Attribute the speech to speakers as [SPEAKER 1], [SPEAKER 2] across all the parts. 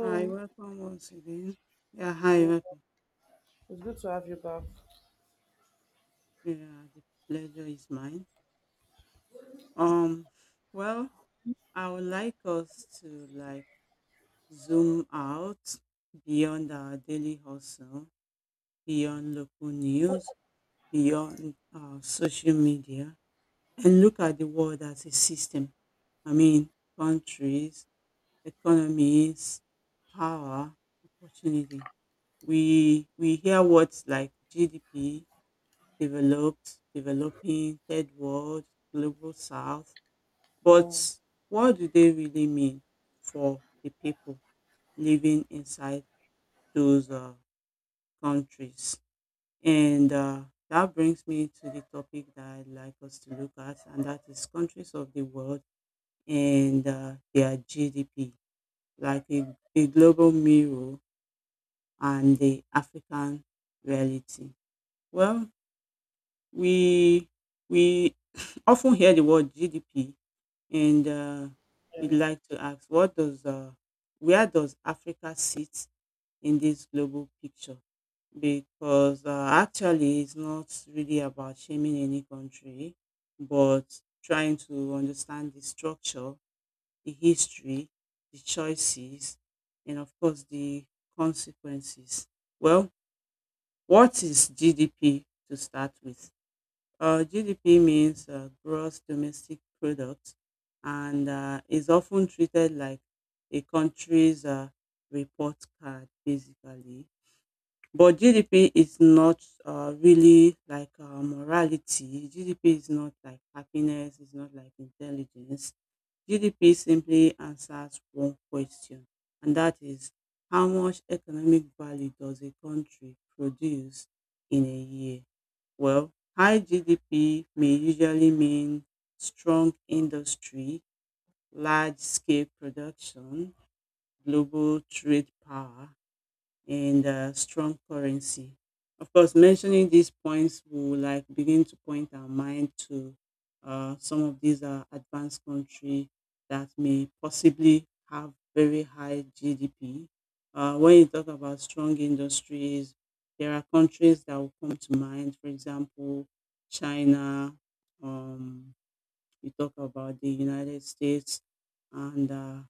[SPEAKER 1] Hi, welcome once again. Yeah, hi,
[SPEAKER 2] Yeah,
[SPEAKER 1] welcome.
[SPEAKER 2] it's good to have you back.
[SPEAKER 1] Yeah, the pleasure is mine. Um, well, I would like us to like zoom out beyond our daily hustle, beyond local news, beyond social media, and look at the world as a system. I mean, countries, economies, power, opportunity. We hear words like GDP developed, developing, third world, global south. But
[SPEAKER 2] Um,
[SPEAKER 1] what do they really mean for the people living inside those countries? And that brings me to the topic that I'd like us to look at, and that is countries of the world and their GDP, like a global mirror and the African reality. Well, we we often hear the word GDP and we'd like to ask what does where does africa sit in this global picture because actually it's not really about shaming any country but trying to understand the structure, the history, the choices, and of course the consequences. Well, what is gdp to start with? GDP means gross domestic product and is often treated like a country's report card, basically. But GDP is not really like morality. GDP is not like happiness, it's not like intelligence. GDP simply answers one question, and that is how much economic value does a country produce in a year? Well, high GDP may usually mean strong industry, large scale production, global trade power, and strong currency. Of course, mentioning these points will like begin to point our mind to some of these advanced countries that may possibly have very high GDP. When you talk about strong industries, there are countries that will come to mind. For example, China. Um, you talk about the United States and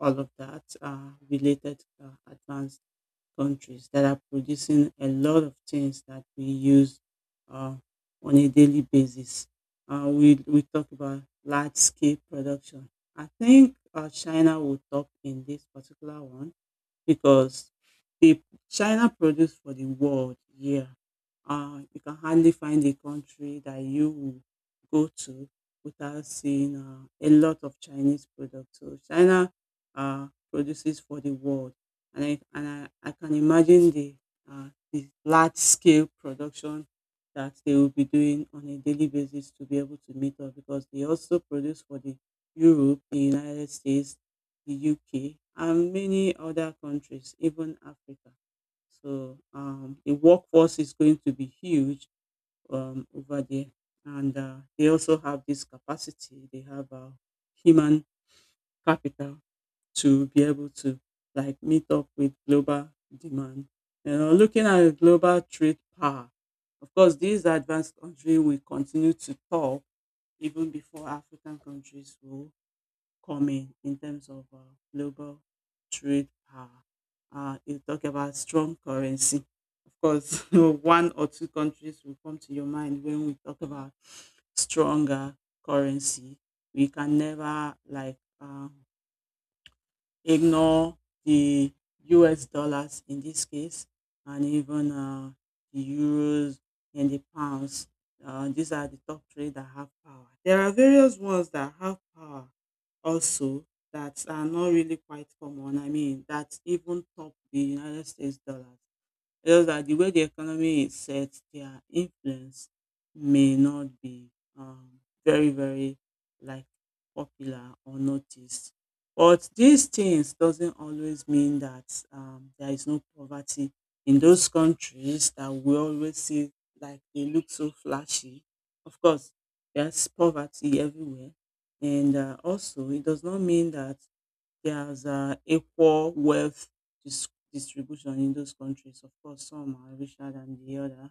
[SPEAKER 1] all of that related advanced countries that are producing a lot of things that we use uh, on a daily basis. We talk about large scale production. I think China will top in this particular one because the China produce for the world, yeah, you can hardly find a country that you will go to without seeing a lot of Chinese products. So China produces for the world, and I can imagine the large scale production that they will be doing on a daily basis to be able to meet up because they also produce for the Europe, the United States, the UK, and many other countries, even Africa. So the workforce is going to be huge over there, and they also have this capacity. They have human capital to be able to like meet up with global demand. You know, looking at the global trade power, of course, these advanced countries will continue to top even before African countries will coming in terms of global trade power. You talk about strong currency. Of course, one or two countries will come to your mind when we talk about stronger currency. We can never like ignore the US dollars in this case, and even the euros and the pounds. These are the top three that have power. There are various ones that have power also that are not really quite common. I mean, that even top the United States dollars. Just that the way the economy is set, their influence may not be um, very, very like popular or noticed. But these things doesn't always mean that there is no poverty in those countries that we always see like they look so flashy. Of course, there's poverty everywhere, and also it does not mean that there's equal wealth distribution in those countries. Of course, some are richer than the other.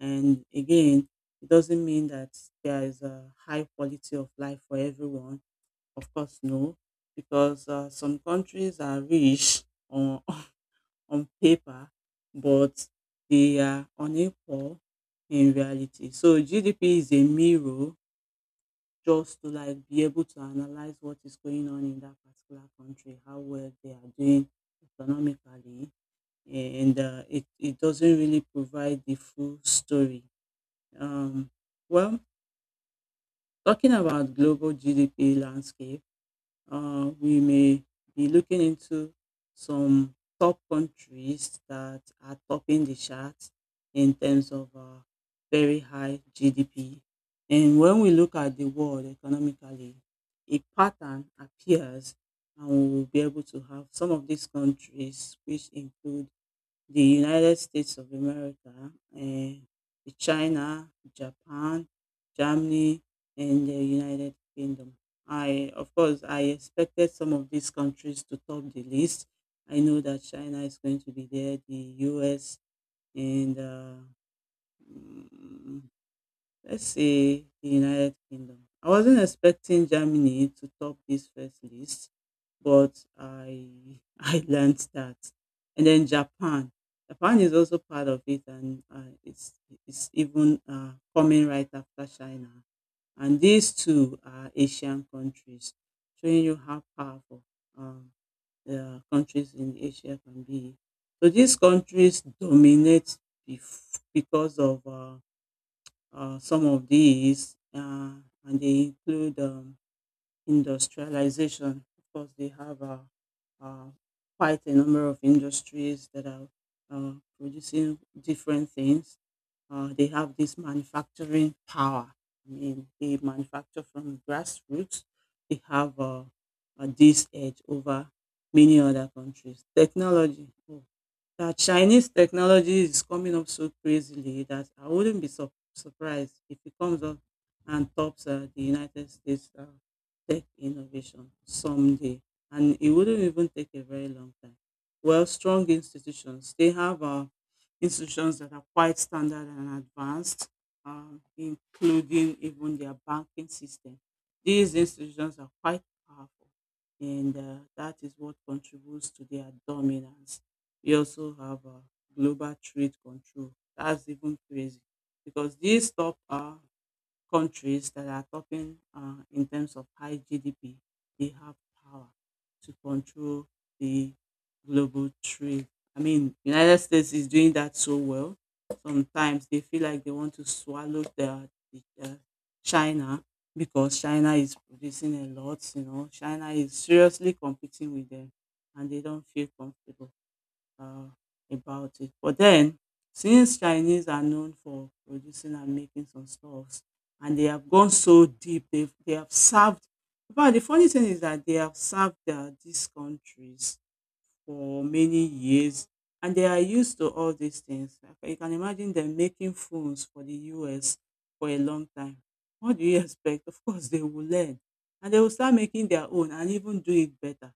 [SPEAKER 1] And again, it doesn't mean that there is a high quality of life for everyone. Of course, no, because some countries are rich on, on paper, but they are unequal in reality. So GDP is a mirror just to like be able to analyze what is going on in that particular country, how well they are doing economically, and it doesn't really provide the full story. Um, well, talking about global GDP landscape. We may be looking into some top countries that are topping the charts in terms of very high GDP. And when we look at the world economically, a pattern appears, and we will be able to have some of these countries, which include the United States of America, eh, the China, Japan, Germany, and the United Kingdom. Of course, I expected some of these countries to top the list. I know that China is going to be there, the US, and mm, let's say the United Kingdom. I wasn't expecting Germany to top this first list, but I I learned that. And then Japan, Japan is also part of it, and it's even coming right after China. And these two are Asian countries, showing you how powerful um, the countries in Asia can be. So these countries dominate because of some of these, and they include industrialization. Of course, they have uh, quite a number of industries that are uh, producing different things. They have this manufacturing power. I mean, they manufacture from grassroots. They have this edge over many other countries. Technology. Oh, that Chinese technology is coming up so crazily that I wouldn't be surprised if it comes up and tops the United States tech innovation someday. And it wouldn't even take a very long time. Well, strong institutions, they have institutions that are quite standard and advanced, including even their banking system. These institutions are quite powerful, and that is what contributes to their dominance. We also have global trade control. That's even crazy because these top countries that are topping in terms of high GDP, they have power to control the global trade. I mean, United States is doing that so well. Sometimes they feel like they want to swallow the China because China is producing a lot. You know, China is seriously competing with them, and they don't feel comfortable uh, about it. But then, since Chinese are known for producing and making some stuffs, and they have gone so deep, they have served. But the funny thing is that they have served these countries for many years and they are used to all these things. I You can imagine them making phones for the US for a long time. What do you expect? Of course, they will learn and they will start making their own and even do it better.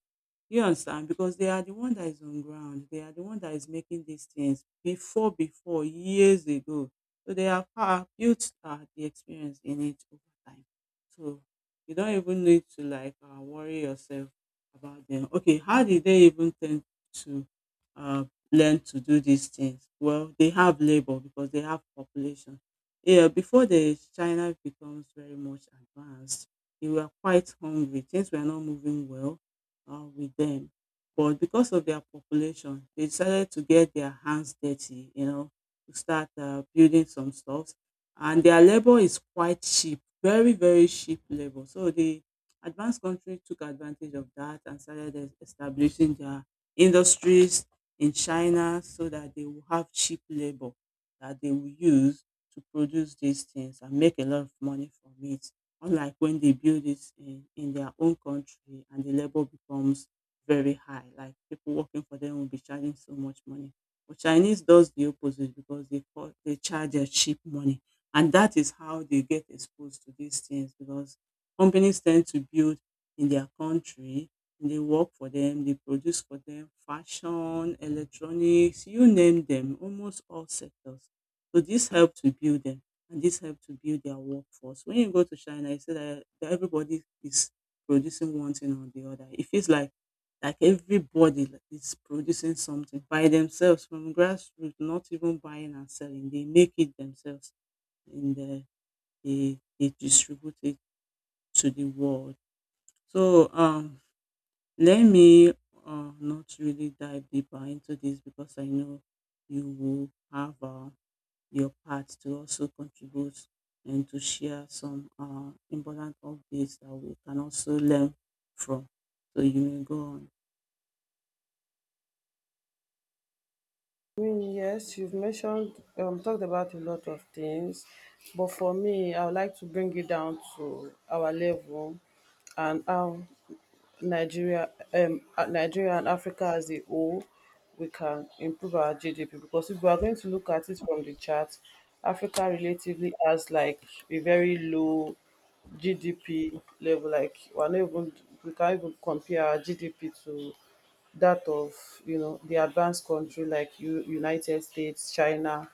[SPEAKER 1] You understand? Because they are the one that is on ground. They are the one that is making these things before, years ago. So they have built the experience in it over time. So you don't even need to like worry yourself about them. Okay, how did they even tend to uh, learn to do these things? Well, they have labor because they have population. Yeah, before the China becomes very much advanced, they were quite hungry. Things were not moving well with them. But because of their population, they decided to get their hands dirty, you know, to start building some stuff. And their labor is quite cheap, very, very cheap labor. So the advanced country took advantage of that and started establishing their industries in China so that they will have cheap labor that they will use to produce these things and make a lot of money from it. Unlike when they build it in their own country and the labor becomes very high, like people working for them will be charging so much money. But Chinese does the opposite because they charge their cheap money, and that is how they get exposed to these things because companies tend to build in their country. They work for them, they produce for them, fashion, electronics, you name them, almost all sectors. So this helped to build them and this helped to build their workforce. When you go to China, you see that everybody is producing one thing or the other. It feels like everybody is producing something by themselves from grassroots, not even buying and selling. They make it themselves and they distribute it to the world. So let me not really dive deeper into this because I know you will have your part to also contribute and to share some important updates that we can also learn from. So you may go on.
[SPEAKER 2] I mean, yes, you've mentioned, talked about a lot of things, but for me, I would like to bring it down to our level and how Nigeria and Africa as a whole, we can improve our GDP because if we are going to look at it from the chart, Africa relatively has like a very low GDP level. Like we can't even compare our GDP to that of the advanced country like United States, China,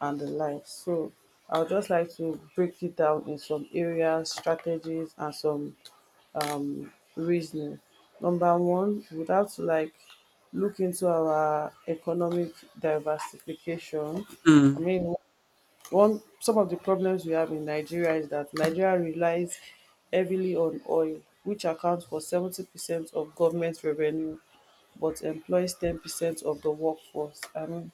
[SPEAKER 2] and the like. So I would just like to break it down in some areas, strategies, and some reasoning. Number one, we would have to like look into our economic diversification. I
[SPEAKER 1] Hmm.
[SPEAKER 2] mean, one some of the problems we have in Nigeria is that Nigeria relies heavily on oil, which accounts for 70% of government revenue, but employs 10% of the workforce. I mean,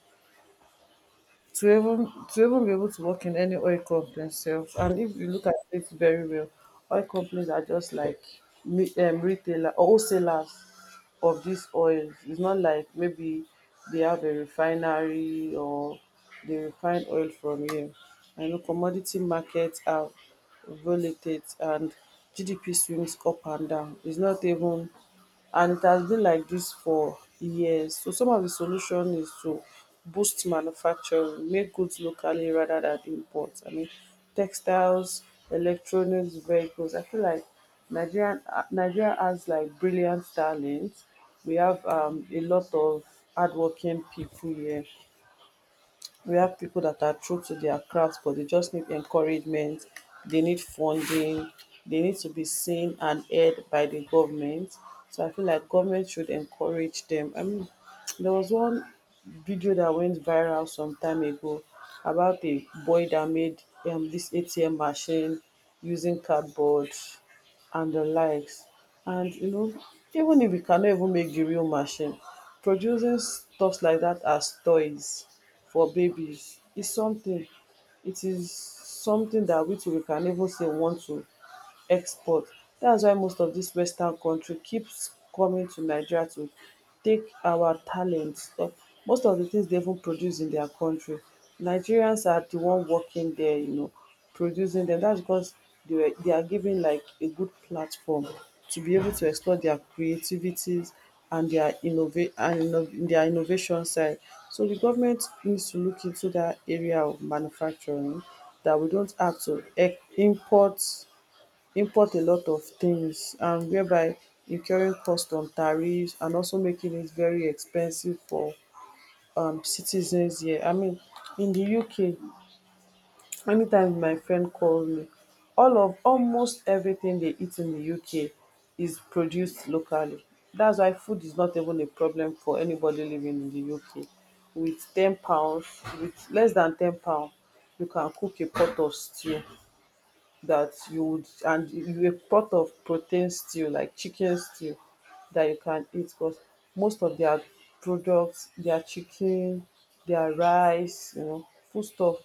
[SPEAKER 2] to even be able to work in any oil company sef, and if you look at it very well, oil companies are just like retailer or wholesalers of this oil. It's not like maybe they have a refinery or they refine oil from here. I know commodity markets are volatile and GDP swings up and down. It's not even, and it has been like this for years. So some of the solution is to boost manufacturing, make goods locally rather than import. I mean, textiles, electronics, vehicles. I feel like Nigeria has like brilliant talent. We have a lot of hardworking people here, we have people that are true to their craft, but they just need encouragement, they need funding, they need to be seen and heard by the government. So I feel like government should encourage them. I mean, there was one video that went viral some time ago about a boy that made this ATM machine using cardboard and the likes. And you know, even if we cannot even make the real machine, producing stuff like that as toys for babies is something. It is something that we too we can even say want to export. That's why most of these western country keeps coming to Nigeria to take our talent. So, most of di tins dey even produce in their country. Nigerians are the one working there, producing them. That's because they are given like a good platform to be able to explore their creativities and their innovation side. So the government needs to look into that area of manufacturing that we don't have to import a lot of things, and whereby incurring cost on tariffs and also making it very expensive for citizens here. I mean, in the UK, anytime my friend calls me, all of almost everything they eat in the UK is produced locally. That's why food is not even a problem for anybody living in the UK. With £10, with less than £10, you can cook a pot of stew that you would, and you were part of protein stew like chicken stew, that you can eat, because most of their products, their chicken, their rice, food stuff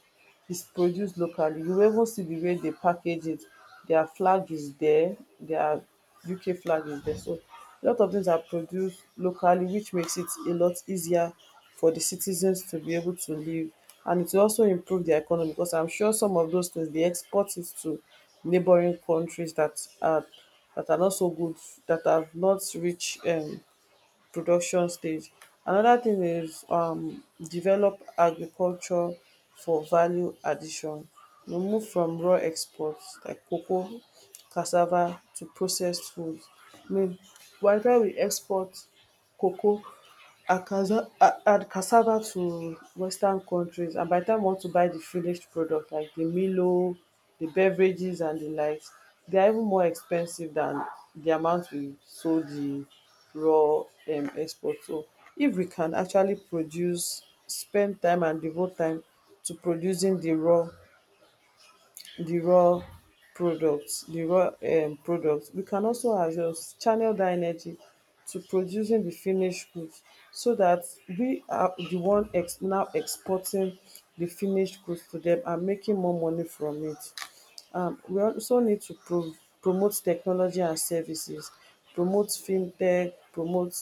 [SPEAKER 2] is produced locally. You will even see the way they package it. Their flag is there, their UK flag is there. So a lot of things are produced locally, which makes it a lot easier for the citizens to be able to live. And it will also improve the economy because I'm sure some of those things they export it to neighboring countries that are not so good, that have not reached production stage. Another thing is develop agriculture for value addition. You move from raw exports like cocoa, cassava to processed food. um Nigeria we export cocoa and and cassava to western countries, and by di time we want to buy the finished product like the milo, the beverages and the likes, they are even more expensive than the amount we sold the raw export. So if we can actually produce spend time and devote time to producing the raw the raw products, we can also as well channel that energy to producing the finished goods so that we are the one ex now exporting the finished goods to them and making more money from it. We also need to promote technology and services, promote fintech, promote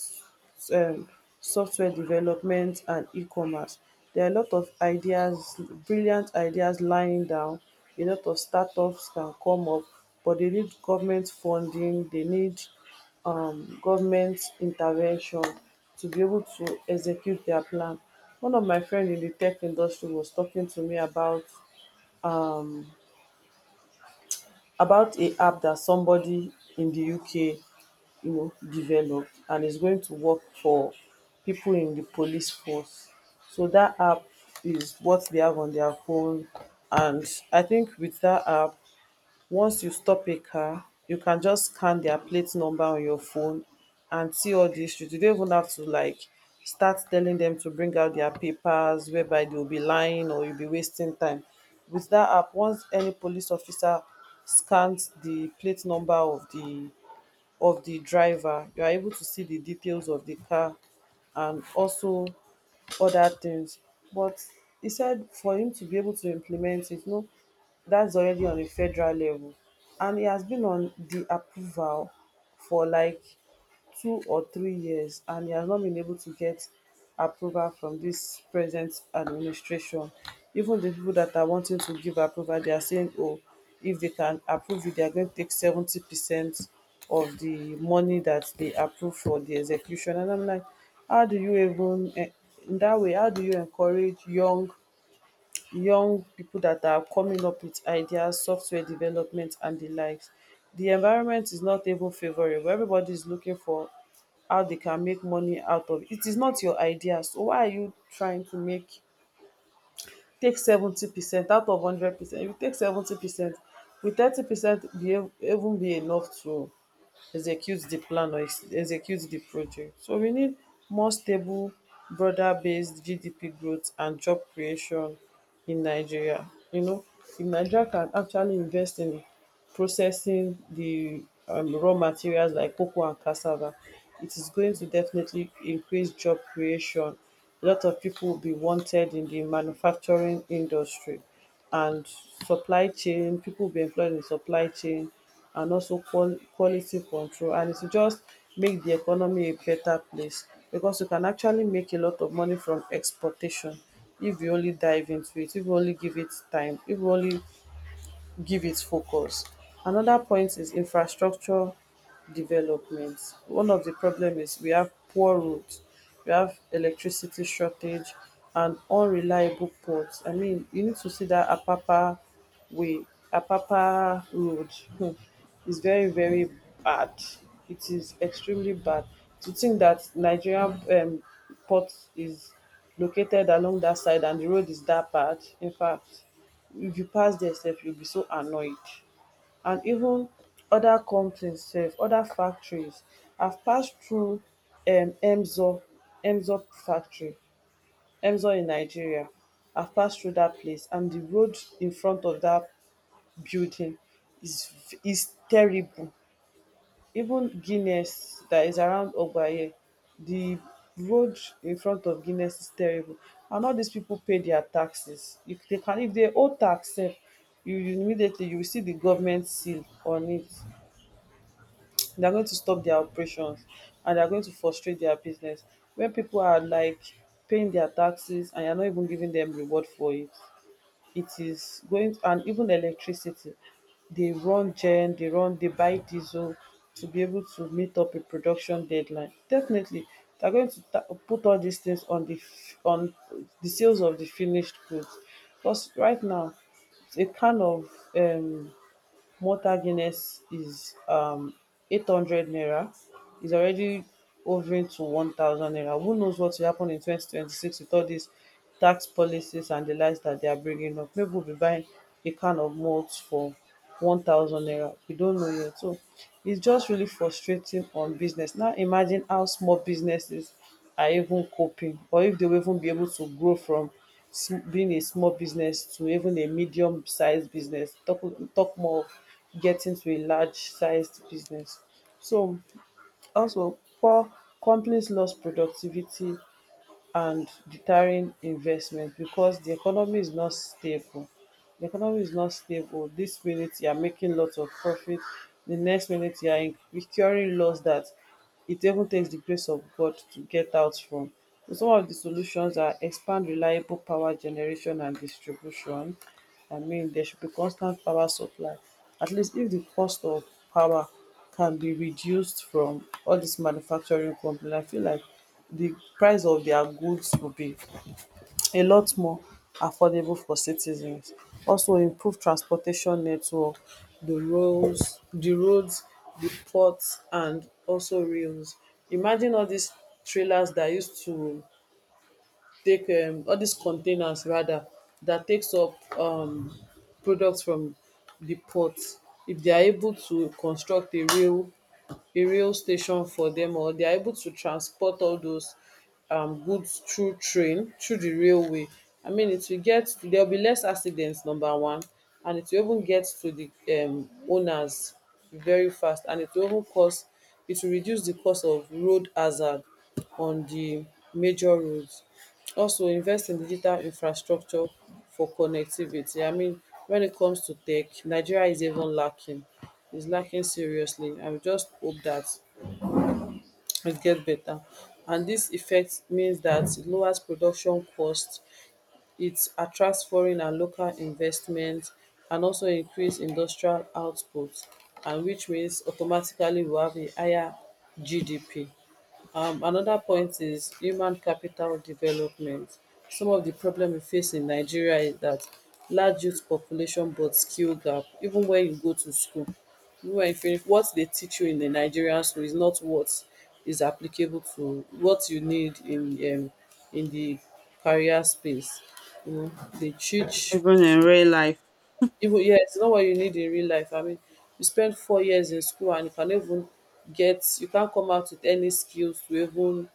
[SPEAKER 2] um, software development and e-commerce. There are a lot of ideas, brilliant ideas lying down. A lot of startups can come up, but they need government funding. They need government intervention to be able to execute their plan. One of my friend in the tech industry was talking to me um, about a app that somebody in the UK developed and is going to work for people in the police force. So that app is what they have on their phone, and I think with that app, once you stop a car, you can just scan their plate number on your phone and see all the history. You don't even have to like start telling them to bring out their papers, whereby they'll be lying or you'll be wasting time. With that app, once any police officer scans the plate number of the driver, you are able to see the details of the car and also other things. But he said for him to be able to implement it, no, that's already on a federal level, and e has been on the approval for like 2 or 3 years, and e has not been able to get approval from dis present administration. Even di pipo dat are wanting to give approval, they are saying, oh, if they can approve it, they are going to take 70% of di money dat dey approve for di execution. And I'm like, how do you even dat way, how do you encourage young people that are coming up with ideas, software development and the likes. The environment is not even favorable. Everybody is looking for how they can make money out of it. It is not your idea. So why are you trying to make take 70% out of 100%? If you take 70%, will 30% be even be enough to execute the plan or execute the project? So we need more stable, broader based GDP growth and job creation in Nigeria. You know, if Nigeria can actually invest in processing the raw materials like cocoa and cassava, it is going to definitely increase job creation. A lot of people will be wanted in the manufacturing industry and supply chain. People will be employed in supply chain and also quality control, and it will just make the economy a better place because you can actually make a lot of money from exportation if you only dive into it, if you only give it time, if you only give it focus. Another point is infrastructure development. One of the problem is we have poor roads, we have electricity shortage and unreliable ports. I mean, you need to see that way, Apapa road hmm, is very, very bad. It is extremely bad. To think that Nigerian port is located along that side and the road is that bad. In fact, if you pass there sef you will be so annoyed, and even other companies sef, other factories, I have passed through um emzor emzor factory, Emzor in Nigeria. I have passed through that place, and the road in front of that building is terrible. Even Guinness that is around Ogbaye, the road in front of Guinness is terrible. And all these people pay their taxes. If they can, if they owe tax sef, you immediately you will see the government seal on it, they are going to stop their operations, and they are going to frustrate their business. When people are like paying their taxes and you are not even giving them reward for it, it is going. And even electricity, they run gen, they run, they buy diesel to be able to meet up a production deadline. Definitely, they're going to put all these things on the sales of the finished goods, because right now a can of um mortar Guinness is 800 naira, is already hovering to 1,000 naira. Who knows what will happen in 2026 with all these tax policies and the likes that they are bringing up? Maybe we'll be buying a can of malt for 1,000 naira. We don't know yet. So it's just really frustrating on business. Now imagine how small businesses are even coping, or if they will even be able to grow from being a small business to even a medium sized business, talk talk more of getting to a large sized business. So also, poor companies, lost productivity, and deterring investment because the economy is not stable. The economy is not stable. This minute you are making lots of profit, the next minute you are incurring loss that it even takes the grace of God to get out from. So some of the solutions are expand reliable power generation and distribution. I mean, there should be constant power supply. At least if the cost of power can be reduced from all dis manufacturing company, I feel like the price of their goods will be a lot more affordable for citizens. Also, improved transportation network. Di roads, di ports, and also rails. Imagine all dis trailers dat use to take all dis containers, rather dat takes up products from di port. If they are able to construct a rail, a rail station for them, or they are able to transport all those goods through train, through the railway. I mean it will get to, there will be less accidents number one, and it will even get to the owners very fast, and it will even cause it will reduce the cost of road hazard on the major roads. Also, invest in digital infrastructure for connectivity. I mean when it comes to tech, Nigeria is even lacking. It's lacking seriously, and we just hope that it get better. And this effect means that it lowers production cost, it attracts foreign and local investment, and also increase industrial output, and which means automatically we have a higher GDP. Another point is human capital development. Some of the problem we face in Nigeria is that large youth population but skill gap. Even when you go to school, even when you finish, what they teach you in the Nigerian school is not what is applicable to what you need in um, the career space. You know, they teach
[SPEAKER 1] Even in real life,
[SPEAKER 2] even yeah, it's not what you need in real life. I mean, you spend 4 years in school and you can even get you can't come out with any skills to even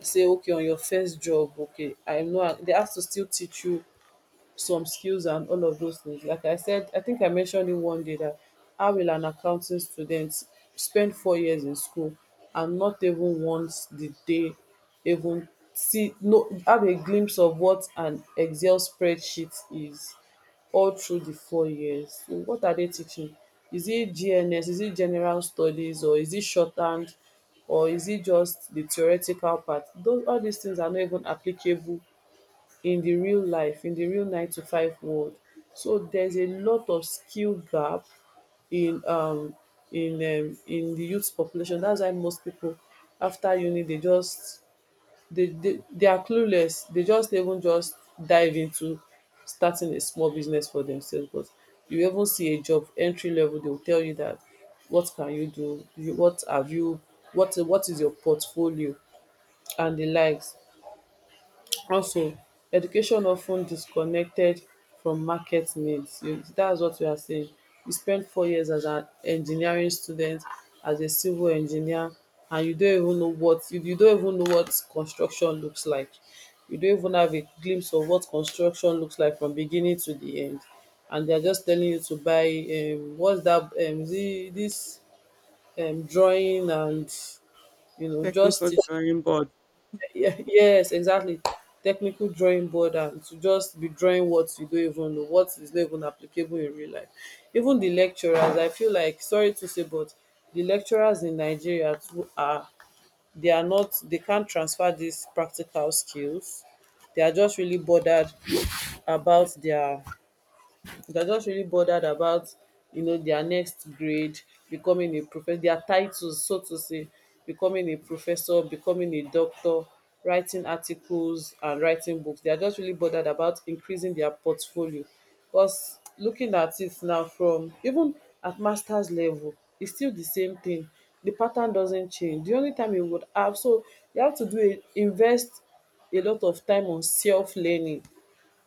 [SPEAKER 2] say okay on your first job. Okay, I know dey have to still teach you some skills and all of those things. Like I said, I think I mentioned it one day that how will an accounting student spend 4 years in school and not even once did they even see no have a glimpse of what an Excel spreadsheet is all through the 4 years. So what are they teaching? Is it GNS? Is it general studies or is it shorthand? Or is it just the theoretical part? Those all these things are not even applicable in the real life, in the real nine to five world. So there's a lot of skill gap in um in the youth population. That's why most people after uni they just they are clueless. They just even just dive into starting a small business for themselves. But you even see a job entry level, they will tell you that what can you do, you, what have you, what is your portfolio and the likes. Also, education of ten disconnected from market needs. You- That's what we are saying, you spend 4 years as an engineering student, as a civil engineer, and you don't even know what construction looks like. You don't even have a glimpse of what construction looks like from beginning to the end. And they're just telling you to buy what's that is this drawing, and you know just
[SPEAKER 1] technical
[SPEAKER 2] teach
[SPEAKER 1] drawing board,
[SPEAKER 2] yeah, yes, exactly. Technical drawing board and to just be drawing what you don't even know, what is not even applicable in real life. Even the lecturers, I feel like, sorry to say, but the lecturers in Nigeria too are they are not they can't transfer these practical skills. They are just really bothered about they're just really bothered about you know their next grade, becoming a professor, their titles, so to say, becoming a professor, becoming a doctor, writing articles and writing books. They are just really bothered about increasing their portfolio, because looking at it now from even at master's level, it's still the same thing. The pattern doesn't change. The only time you would have so you have to do a invest a lot of time on self learning,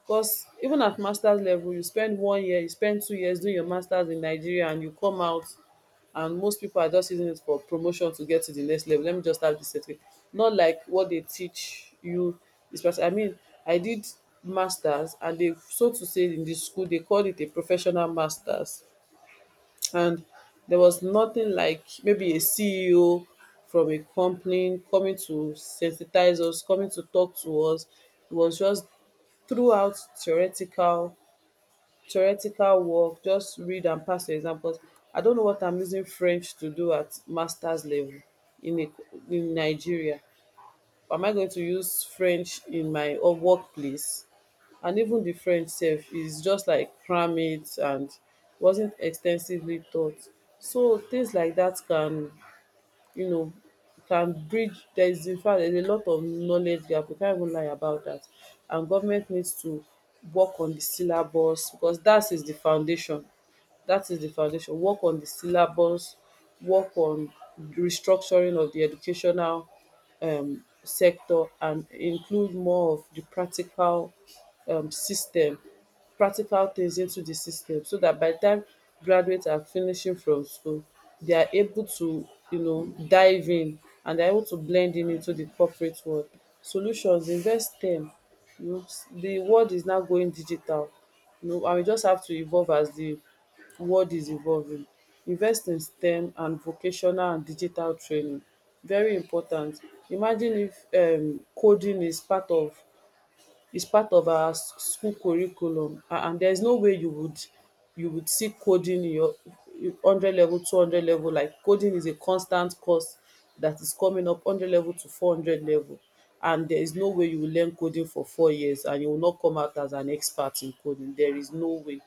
[SPEAKER 2] because even at master's level, you spend 1 year, you spend 2 years doing your master's in Nigeria, and you come out, and most people are just using it for promotion to get to the next level. Let me just have this certificate. Not like what they teach you. This person, I mean, I did master's, and they, so to say, in the school, they called it a professional master's, and there was nothing like maybe a CEO from a company coming to sensitize us, coming to talk to us. It was just throughout theoretical work, just read and pass your exam. I don't know what I'm using French to do at masters level in a in Nigeria. Am I going to use French in my workplace? And even di French sef is just like crammit and wasn't extensively taught. So things like that can, you know, can bridge there is, in fact, there is a lot of knowledge gap. We can't even lie about that. And government needs to work on the syllabus because that is the foundation. That is the foundation. Work on the syllabus, work on the restructuring of di educational sector, and include more of the practical system, practical things into the system, so that by the time graduates are finishing from school, they are able to, you know, dive in, and they're able to blend in into the corporate world. Solutions, invest them. You know, the world is now going digital. You know, and we just have to evolve as the world is evolving. Invest in STEM and vocational and digital training. Very important. Imagine if coding is part of our school curriculum, and there's no way you would see coding in your 100 level, 200 level. Like coding is a constant course that is coming up 100 level to 400 level, and there is no way you will learn coding for 4 years and you will not come out as an expert in coding. There is no way.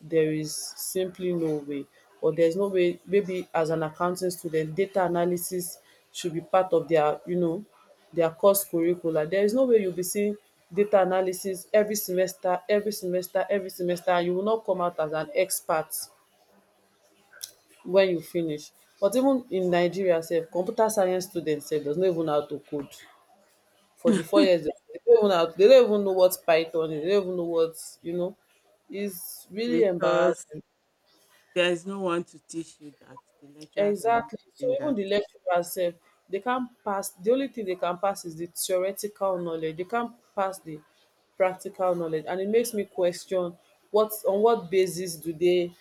[SPEAKER 2] There is simply no way. Or there's no way maybe as an accounting student, data analysis should be part of their, you know, their course curricula. There is no way you'll be seeing data analysis every semester, every semester, every semester, and you will not come out as an expert when you finish. But even in Nigeria sef, computer science students sef does not even know how to code for the 4 years. They don't even know how they don't even know what Python is, they don't even know what, you know, it's really
[SPEAKER 1] because
[SPEAKER 2] embarrassing.
[SPEAKER 1] there is no one to teach you that. The lecturers are not
[SPEAKER 2] Exactly. So
[SPEAKER 1] teaching
[SPEAKER 2] even
[SPEAKER 1] that.
[SPEAKER 2] the lecturers sef, they can't pass. The only thing they can pass is the theoretical knowledge. They can't pass the practical knowledge. And it makes me question what, on what basis do they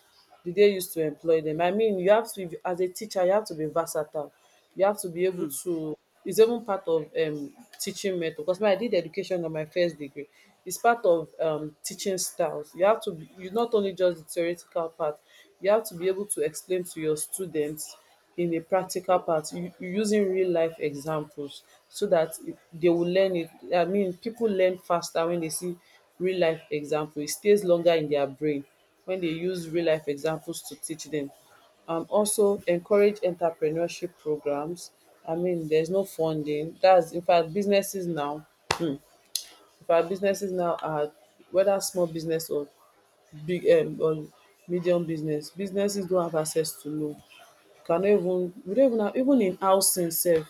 [SPEAKER 2] do they use to employ them? I mean, you have to, as a teacher, you have to be versatile. You have to be able
[SPEAKER 1] Hmm.
[SPEAKER 2] to it's even part of teaching method, because when I did education on my first degree, it's part of teaching styles. You have to be, you not only just the theoretical part, you have to be able to explain to your students in a practical part using real life examples so that it- they will learn it. I mean, people learn faster when they see real life example. It stays longer in their brain when they use real life examples to teach them. Also, encourage entrepreneurship programs. I mean, there's no funding, that's in fact businesses now in fact businesses now are whether small business or big or medium business, businesses don't have access to loan, cannot even we don't even have even in housing sef,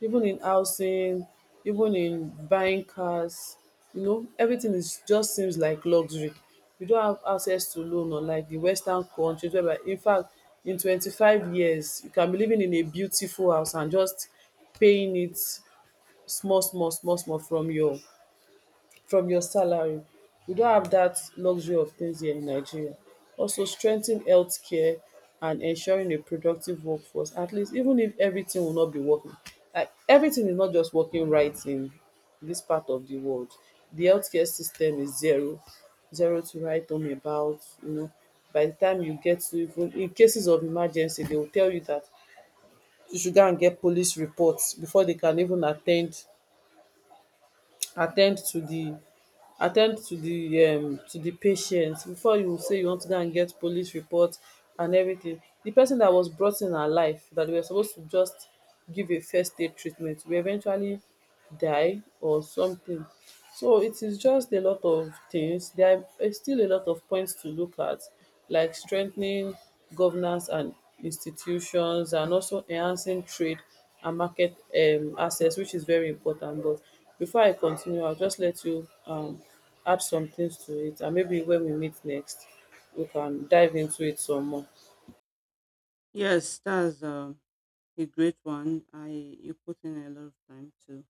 [SPEAKER 2] even in housing, even in buying cars, you know, everything is just seems like luxury. You don't have access to loan, unlike the western countries whereby in fact in 25 years you can be living in a beautiful house and just paying it small small small small from your salary. We don't have that luxury of things here in Nigeria. Also, strengthen healthcare and ensuring a productive workforce, at least even if everything will not be working. Like everything is not just working right in this part of the world. The healthcare system is zero, zero to write home about. You know, by the time you get to even in cases of emergency, they will tell you that you should go and get police reports before they can even attend. Attend to the, Attend um to the patient, before you say you want to go and get police report and everything. The person that was brought in alive that dey were supposed to just give a first aid treatment will eventually die or something. So it is just a lot of things. There are still a lot of points to look at like strengthening governance and institutions, and also enhancing trade and market access, which is very important. But before I continue, I'll just let you add some things to it, and maybe when we meet next, we can dive into it some more.
[SPEAKER 1] Yes, that's a great one. I you put in a lot of time to,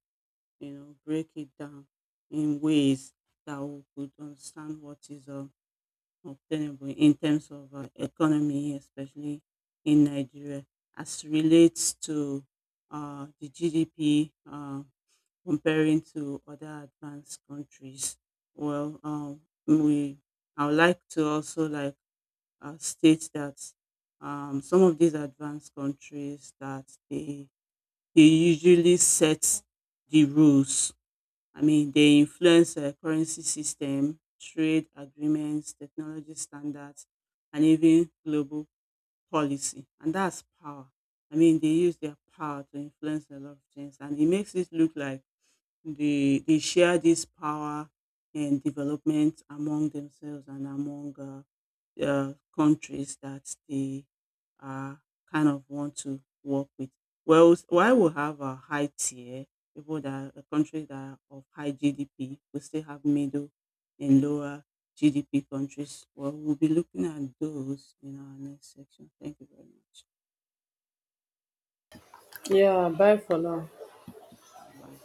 [SPEAKER 1] you know, break it down in ways that we could understand what is obtainable in terms of economy, especially in Nigeria, as relates to the GDP, comparing to other advanced countries. Well, we I would like to also like state that some of these advanced countries that they usually set the rules. I mean, they influence currency system, trade agreements, technology standards, and even global policy. And that's power. I mean, they use their power to influence a lot of things, and it makes it look like they share this power and development among themselves and among countries that they uh, kind of want to work with. Well, why we have a high tier, people that are countries that are of high GDP, we still have middle and lower GDP countries. Well, we'll be looking at those in our next section. Thank you very much.
[SPEAKER 2] Yeah, bye for now.
[SPEAKER 1] Bye.